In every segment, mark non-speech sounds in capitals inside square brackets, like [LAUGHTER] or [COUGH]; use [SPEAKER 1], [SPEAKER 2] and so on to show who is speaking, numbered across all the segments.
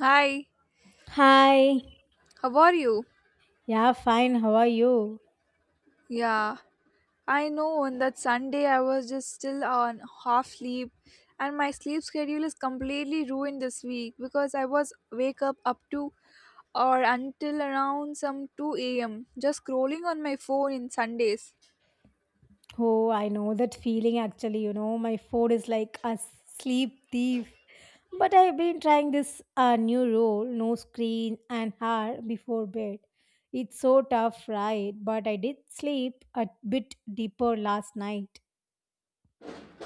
[SPEAKER 1] Hi,
[SPEAKER 2] Hi.
[SPEAKER 1] how are you?
[SPEAKER 2] Yeah, fine. How are you?
[SPEAKER 1] Yeah, I know on that Sunday I was just still on half sleep, and my sleep schedule is completely ruined this week because I was wake up to or until around some 2 a.m. just scrolling on my phone in Sundays.
[SPEAKER 2] Oh, I know that feeling actually. My phone is like a sleep thief. But I've been trying this new rule no screen an hour before bed. It's so tough, right? But I did sleep a bit deeper last night.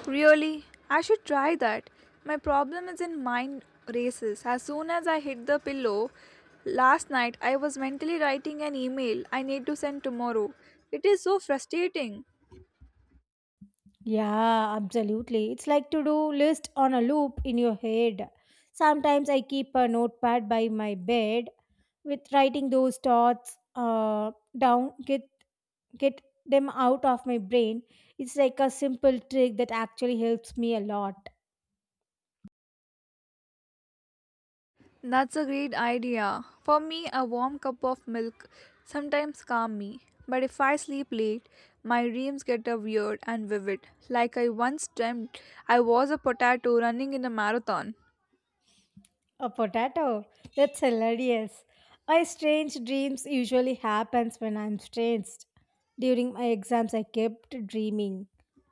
[SPEAKER 1] Really? I should try that. My problem is in mind races. As soon as I hit the pillow, last night I was mentally writing an email I need to send tomorrow. It is so frustrating.
[SPEAKER 2] Yeah, absolutely. It's like to do list on a loop in your head. Sometimes I keep a notepad by my bed with writing those thoughts down, get them out of my brain. It's like a simple trick that actually helps me a lot.
[SPEAKER 1] That's a great idea. For me, a warm cup of milk sometimes calms me, but if I sleep late, my dreams get a weird and vivid. Like I once dreamt I was a potato running in a marathon.
[SPEAKER 2] A potato. That's hilarious. My strange dreams usually happens when I'm stressed. During my exams I kept dreaming.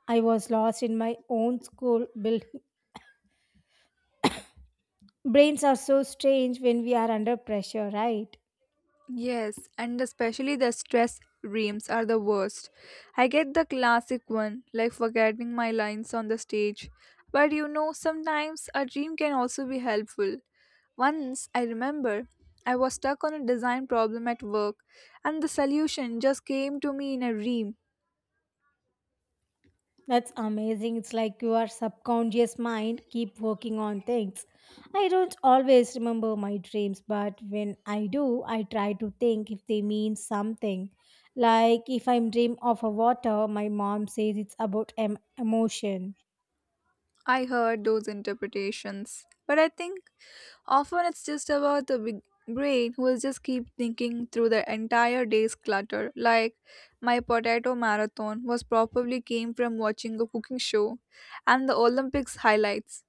[SPEAKER 2] I was lost in my own school building. Brains are so strange when we are under pressure, right?
[SPEAKER 1] Yes, and especially the stress reams are the worst. I get the classic one, like forgetting my lines on the stage. But you know, sometimes a dream can also be helpful. Once, I remember, I was stuck on a design problem at work, and the solution just came to me in a dream.
[SPEAKER 2] That's amazing. It's like your subconscious mind keep working on things. I don't always remember my dreams, but when I do I try to think if they mean something. Like if I'm dream of a water, my mom says it's about emotion.
[SPEAKER 1] I heard those interpretations, but I think often it's just about the big brain who will just keep thinking through the entire day's clutter. Like my potato marathon was probably came from watching a cooking show and the Olympics highlights.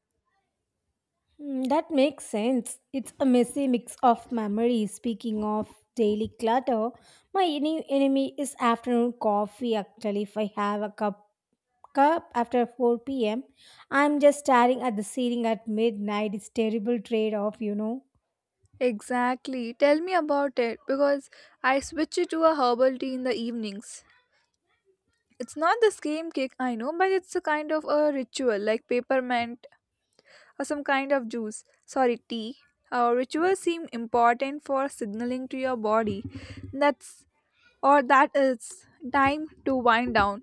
[SPEAKER 2] Hmm, that makes sense. It's a messy mix of memories. Speaking of daily clutter, my enemy is afternoon coffee. Actually, if I have a cup up after 4 p.m. I'm just staring at the ceiling at midnight. It's terrible trade off.
[SPEAKER 1] Exactly. Tell me about it because I switch it to a herbal tea in the evenings. It's not the same kick, I know, but it's a kind of a ritual like peppermint or some kind of juice, sorry, tea. Rituals seem important for signaling to your body that's or that it's time to wind down.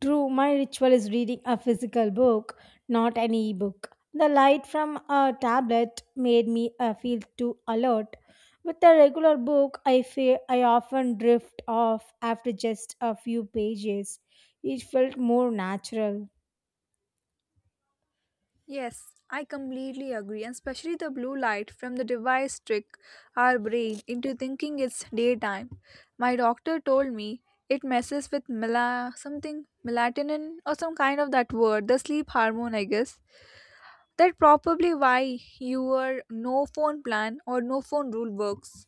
[SPEAKER 2] True, my ritual is reading a physical book, not an e-book. The light from a tablet made me feel too alert. With a regular book, I feel I often drift off after just a few pages. It felt more natural.
[SPEAKER 1] Yes, I completely agree, and especially the blue light from the device trick our brain into thinking it's daytime. My doctor told me it messes with mela something melatonin or some kind of that word, the sleep hormone, I guess. That probably why your no phone plan or no phone rule works.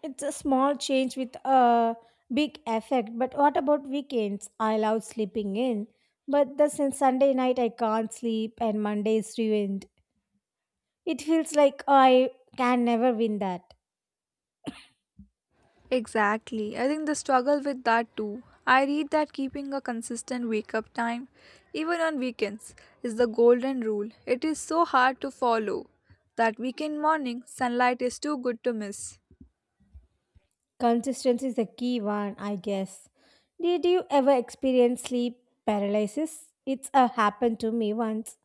[SPEAKER 2] It's a small change with a big effect. But what about weekends? I love sleeping in, but the since Sunday night I can't sleep and Monday is ruined. It feels like I can never win that.
[SPEAKER 1] Exactly. I think the struggle with that too. I read that keeping a consistent wake up time, even on weekends, is the golden rule. It is so hard to follow. That weekend morning, sunlight is too good to miss.
[SPEAKER 2] Consistency is the key one, I guess. Did you ever experience sleep paralysis? It's happened to me once.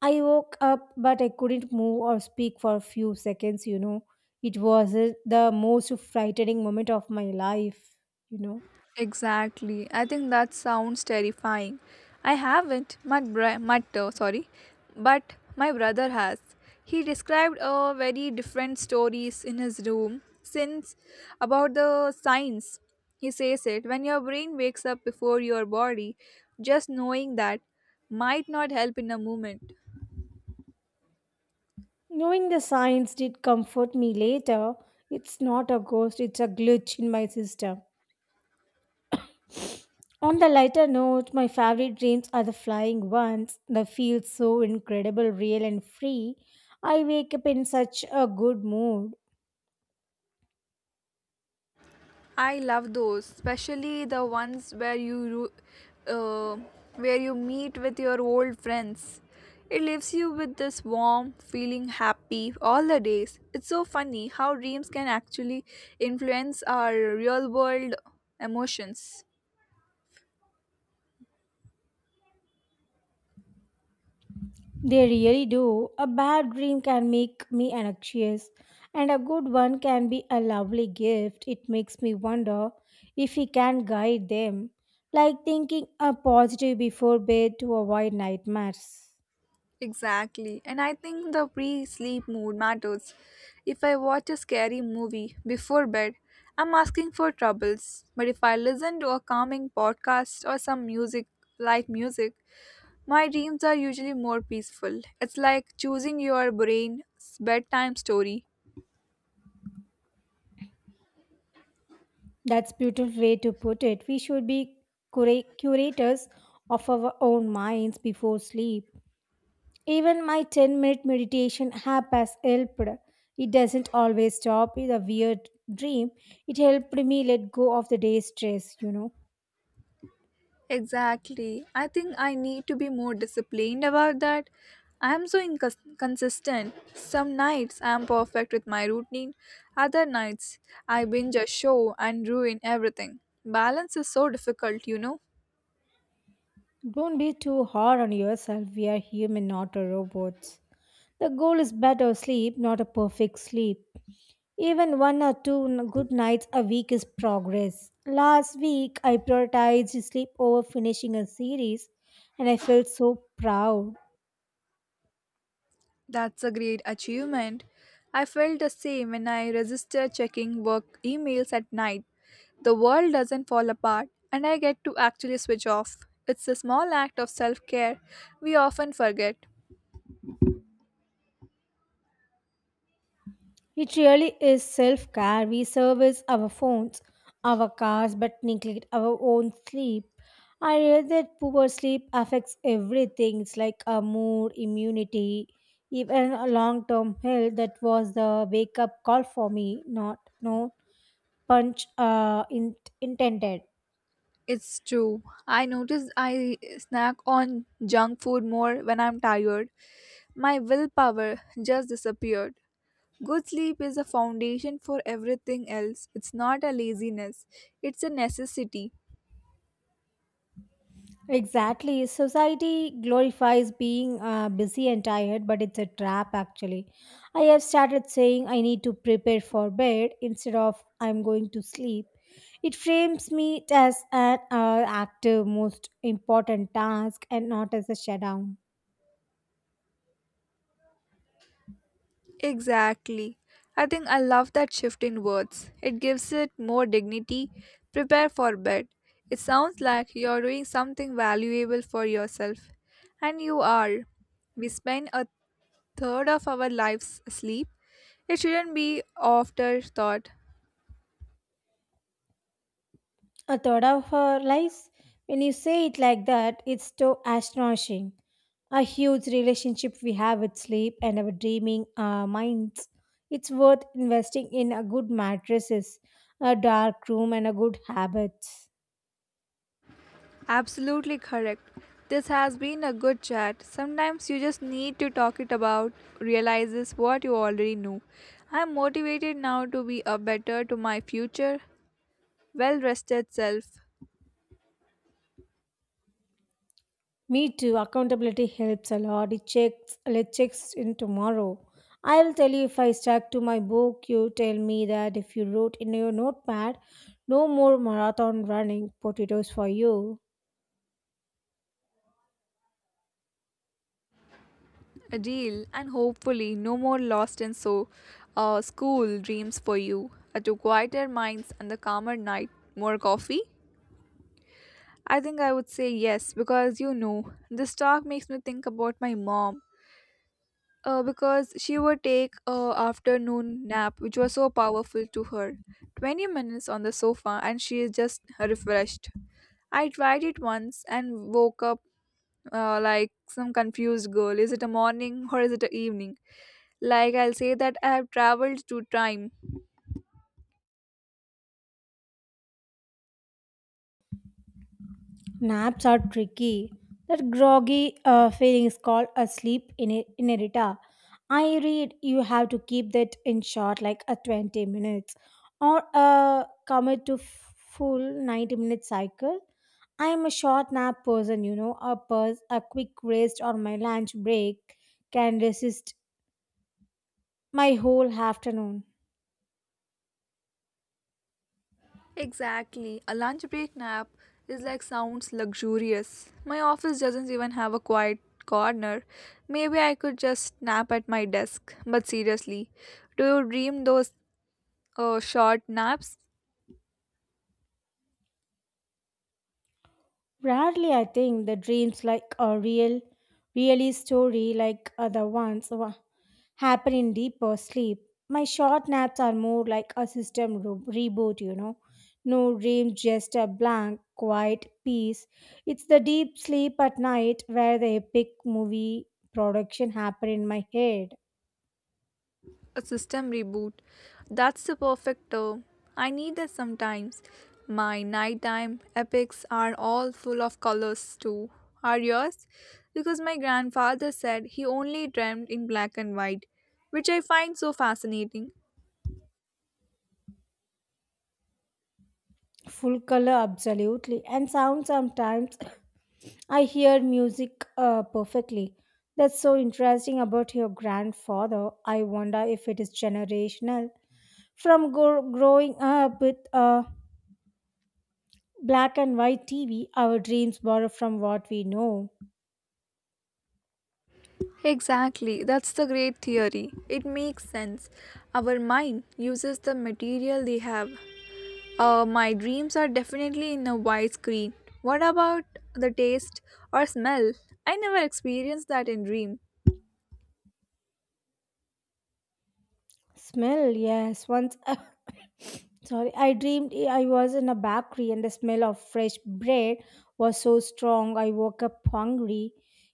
[SPEAKER 2] I woke up, but I couldn't move or speak for a few seconds. It was the most frightening moment of my life, you know.
[SPEAKER 1] Exactly. I think that sounds terrifying. I haven't. My sorry, but my brother has. He described a very different stories in his room since about the signs. He says it when your brain wakes up before your body. Just knowing that might not help in a moment.
[SPEAKER 2] Knowing the signs did comfort me later. It's not a ghost, it's a glitch in my system. On the lighter note, my favorite dreams are the flying ones. They feel so incredible, real, and free. I wake up in such a good mood.
[SPEAKER 1] I love those, especially the ones where you uh, where you meet with your old friends. It leaves you with this warm feeling happy all the days. It's so funny how dreams can actually influence our real world emotions.
[SPEAKER 2] They really do. A bad dream can make me anxious, and a good one can be a lovely gift. It makes me wonder if we can guide them, like thinking a positive before bed to avoid nightmares.
[SPEAKER 1] Exactly. And I think the pre sleep mood matters. If I watch a scary movie before bed, I'm asking for troubles. But if I listen to a calming podcast or some music, light music, my dreams are usually more peaceful. It's like choosing your brain's bedtime story.
[SPEAKER 2] That's beautiful way to put it. We should be curators of our own minds before sleep. Even my 10-minute meditation app has helped. It doesn't always stop with a weird dream. It helped me let go of the day's stress.
[SPEAKER 1] Exactly. I think I need to be more disciplined about that. I am so inconsistent. Some nights I am perfect with my routine, other nights I binge a show and ruin everything. Balance is so difficult, you know.
[SPEAKER 2] Don't be too hard on yourself. We are human, not a robots. The goal is better sleep, not a perfect sleep. Even one or two good nights a week is progress. Last week, I prioritized sleep over finishing a series, and I felt so proud.
[SPEAKER 1] That's a great achievement. I felt the same when I resisted checking work emails at night. The world doesn't fall apart, and I get to actually switch off. It's a small act of self care we often forget.
[SPEAKER 2] It really is self care. We service our phones, our cars, but neglect our own sleep. I read that poor sleep affects everything. It's like our mood, immunity, even a long term health. That was the wake up call for me, not no punch intended.
[SPEAKER 1] It's true. I notice I snack on junk food more when I'm tired. My willpower just disappeared. Good sleep is a foundation for everything else. It's not a laziness, it's a necessity.
[SPEAKER 2] Exactly. Society glorifies being busy and tired, but it's a trap actually. I have started saying I need to prepare for bed instead of I'm going to sleep. It frames me as an active, most important task and not as a shutdown.
[SPEAKER 1] Exactly. I think I love that shift in words. It gives it more dignity. Prepare for bed. It sounds like you're doing something valuable for yourself. And you are. We spend a third of our lives asleep. It shouldn't be afterthought.
[SPEAKER 2] A third of our lives? When you say it like that, it's so astonishing. A huge relationship we have with sleep and our dreaming minds. It's worth investing in a good mattresses, a dark room, and a good habits.
[SPEAKER 1] Absolutely correct. This has been a good chat. Sometimes you just need to talk it about realizes what you already knew. I'm motivated now to be a better to my future well rested self,
[SPEAKER 2] Me too. Accountability helps a lot. It checks in tomorrow. I will tell you if I stuck to my book. You tell me that if you wrote in your notepad, no more marathon running potatoes for you.
[SPEAKER 1] a deal, and hopefully no more lost and so school dreams for you, to quieter minds and the calmer night, more coffee. I think I would say yes because you know this talk makes me think about my mom, because she would take a afternoon nap which was so powerful to her. 20 minutes on the sofa and she is just refreshed. I tried it once and woke up, like some confused girl, is it a morning or is it a evening? Like I'll say that I have traveled to time.
[SPEAKER 2] Naps are tricky. That groggy feeling is called a sleep in inerita. I read you have to keep that in short, like a 20 minutes, or commit to full 90-minute cycle. I am a short nap person. A quick rest or my lunch break can resist my whole afternoon.
[SPEAKER 1] Exactly. A lunch break nap is like sounds luxurious. My office doesn't even have a quiet corner. Maybe I could just nap at my desk. But seriously, do you dream those short naps?
[SPEAKER 2] Rarely, I think the dreams like a really story like other ones happen in deeper sleep. My short naps are more like a system reboot. No dreams, just a blank, quiet peace. It's the deep sleep at night where the epic movie production happen in my head.
[SPEAKER 1] A system reboot. That's the perfect term. I need that sometimes. My nighttime epics are all full of colors too. Are yours? Because my grandfather said he only dreamed in black and white, which I find so fascinating.
[SPEAKER 2] Full color, absolutely. And sound sometimes [COUGHS] I hear music perfectly. That's so interesting about your grandfather. I wonder if it is generational from growing up with a black and white TV, our dreams borrow from what we know.
[SPEAKER 1] Exactly, that's the great theory. It makes sense. Our mind uses the material they have. My dreams are definitely in a widescreen. What about the taste or smell? I never experienced that in dream.
[SPEAKER 2] Smell, yes. Once, [LAUGHS] [COUGHS] sorry, I dreamed I was in a bakery and the smell of fresh bread was so strong I woke up hungry.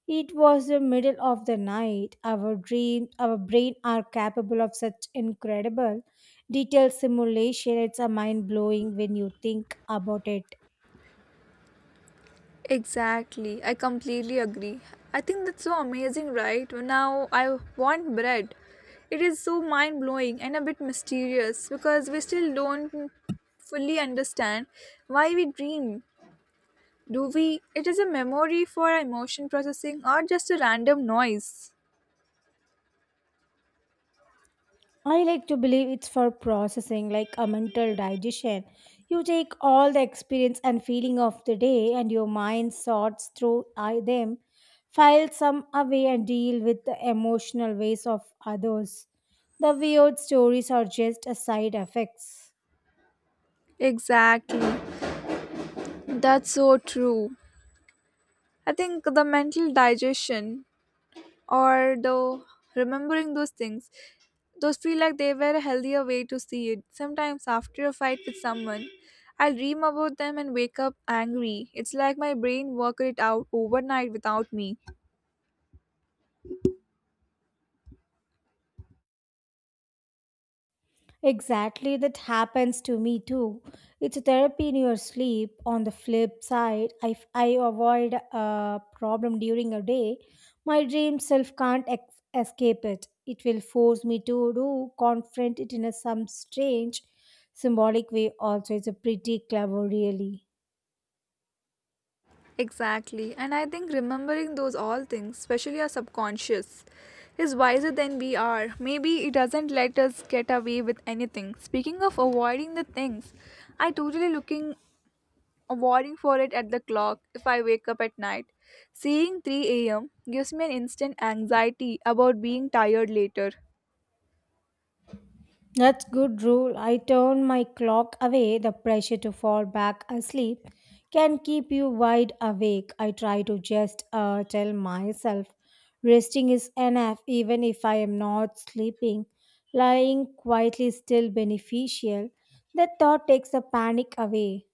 [SPEAKER 2] It was the middle of the night. Our dreams, our brain are capable of such incredible detailed simulation. It's a mind blowing when you think about it.
[SPEAKER 1] Exactly, I completely agree. I think that's so amazing, right? Now I want bread. It is so mind blowing and a bit mysterious because we still don't fully understand why we dream. Do we? It is a memory for emotion processing or just a random noise.
[SPEAKER 2] I like to believe it's for processing, like a mental digestion. You take all the experience and feeling of the day, and your mind sorts through them, files some away, and deal with the emotional ways of others. The weird stories are just a side effects.
[SPEAKER 1] Exactly. That's so true. I think the mental digestion or the remembering those things, those feel like they were a healthier way to see it. Sometimes after a fight with someone, I'll dream about them and wake up angry. It's like my brain worked it out overnight without me.
[SPEAKER 2] Exactly, that happens to me too. It's therapy in your sleep. On the flip side, if I avoid a problem during a day, my dream self can't escape it. It will force me to do confront it in a some strange symbolic way. Also, it's a pretty clever, really.
[SPEAKER 1] Exactly. And I think remembering those all things, especially our subconscious, is wiser than we are. Maybe it doesn't let us get away with anything. Speaking of avoiding the things, I totally looking avoiding for it at the clock if I wake up at night. Seeing 3 a.m. gives me an instant anxiety about being tired later.
[SPEAKER 2] That's good rule. I turn my clock away. The pressure to fall back asleep can keep you wide awake. I try to just tell myself resting is enough even if I am not sleeping. Lying quietly is still beneficial. That thought takes the panic away.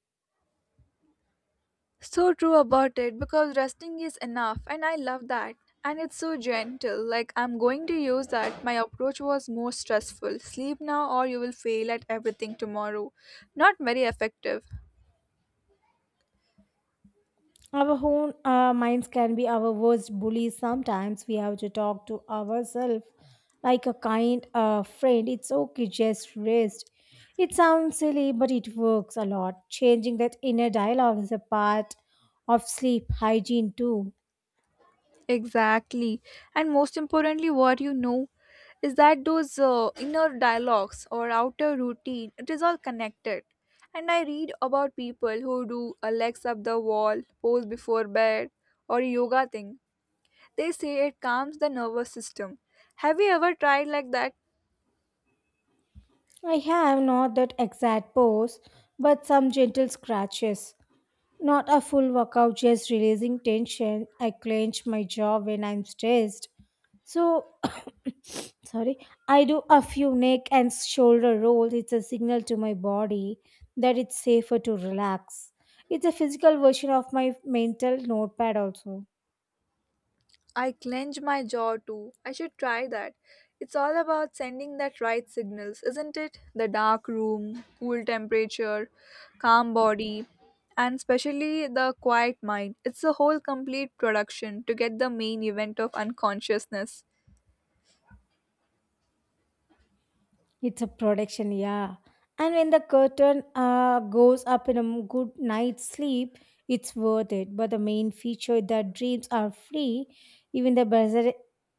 [SPEAKER 1] So true about it because resting is enough and I love that. And it's so gentle, like I'm going to use that. My approach was more stressful. Sleep now or you will fail at everything tomorrow. Not very effective.
[SPEAKER 2] Our own minds can be our worst bullies. Sometimes we have to talk to ourselves like a kind friend. It's okay, just rest. It sounds silly, but it works a lot. Changing that inner dialogue is a part of sleep hygiene, too.
[SPEAKER 1] Exactly. And most importantly, what you know is that those inner dialogues or outer routine, it is all connected. And I read about people who do a legs up the wall, pose before bed, or yoga thing. They say it calms the nervous system. Have you ever tried like that?
[SPEAKER 2] I have not that exact pose, but some gentle scratches. Not a full workout, just releasing tension. I clench my jaw when I'm stressed. So, [COUGHS] sorry, I do a few neck and shoulder rolls. It's a signal to my body that it's safer to relax. It's a physical version of my mental notepad, also.
[SPEAKER 1] I clench my jaw too. I should try that. It's all about sending that right signals, isn't it? The dark room, cool temperature, calm body, and especially the quiet mind. It's a whole complete production to get the main event of unconsciousness.
[SPEAKER 2] It's a production, yeah. And when the curtain goes up in a good night's sleep, it's worth it. But the main feature that dreams are free, even the buzzer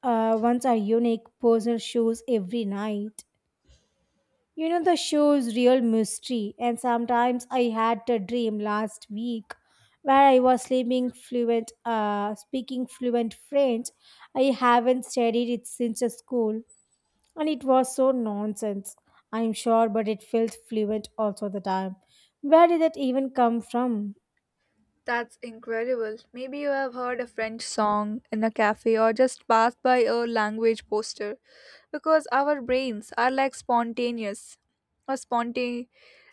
[SPEAKER 2] ones are unique, personal shows every night. The show's real mystery. And sometimes I had a dream last week where I was speaking fluent French. I haven't studied it since school and it was so nonsense. I'm sure, but it felt fluent also the time. Where did that even come from?
[SPEAKER 1] That's incredible. Maybe you have heard a French song in a cafe or just passed by a language poster because our brains are like spontaneous or spontaneous.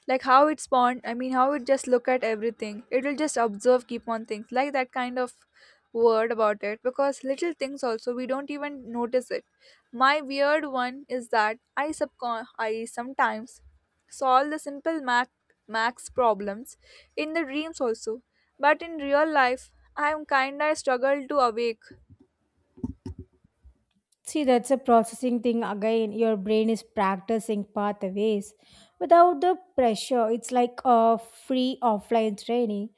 [SPEAKER 1] Like how it spawned, I mean, how it just look at everything. It'll just observe, keep on things like that kind of word about it because little things also we don't even notice it. My weird one is that I subcon I sometimes solve the simple max problems in the dreams also, but in real life I am kinda struggle to awake.
[SPEAKER 2] See, that's a processing thing again. Your brain is practicing pathways without the pressure. It's like a free offline training.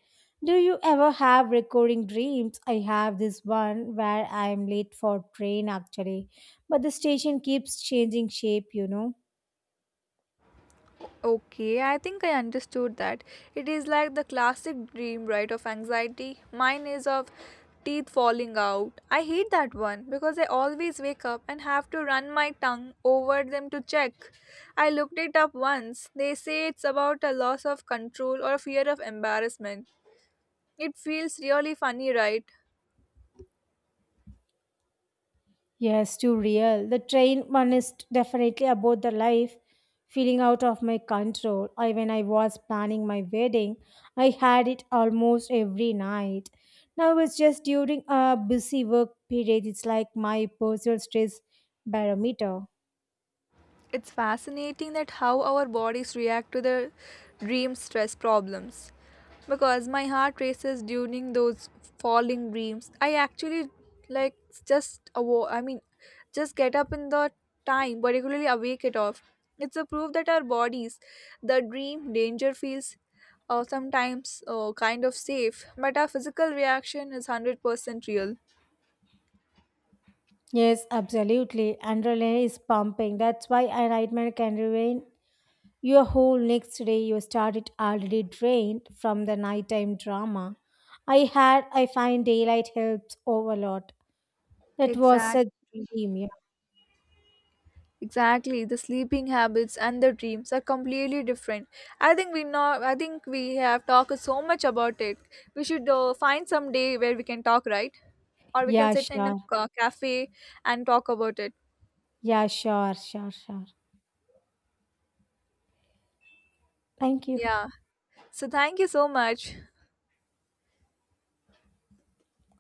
[SPEAKER 2] Do you ever have recurring dreams? I have this one where I'm late for train actually, but the station keeps changing shape.
[SPEAKER 1] Okay, I think I understood that. It is like the classic dream, right, of anxiety. Mine is of teeth falling out. I hate that one because I always wake up and have to run my tongue over them to check. I looked it up once. They say it's about a loss of control or a fear of embarrassment. It feels really funny, right?
[SPEAKER 2] Yes, too real. The train one is definitely about the life feeling out of my control. I When I was planning my wedding, I had it almost every night. Now it's just during a busy work period. It's like my personal stress barometer.
[SPEAKER 1] It's fascinating that how our bodies react to the dream stress problems. Because my heart races during those falling dreams. I actually like just I mean just get up in the time, particularly awake it off. It's a proof that our bodies, the dream danger feels sometimes kind of safe, but our physical reaction is 100% real.
[SPEAKER 2] Yes, absolutely. Adrenaline is pumping. That's why I nightmare can remain. Your whole next day you started already drained from the nighttime drama. I find daylight helps overload. That was such a
[SPEAKER 1] Exactly.
[SPEAKER 2] dream. Yeah,
[SPEAKER 1] Exactly, the sleeping habits and the dreams are completely different. I think we know. I think we have talked so much about it. We should find some day where we can talk, right? Or we can
[SPEAKER 2] yeah,
[SPEAKER 1] sit in a
[SPEAKER 2] sure.
[SPEAKER 1] cafe and talk about it.
[SPEAKER 2] Yeah, sure, sure, sure. Thank you.
[SPEAKER 1] Yeah. So thank you so much.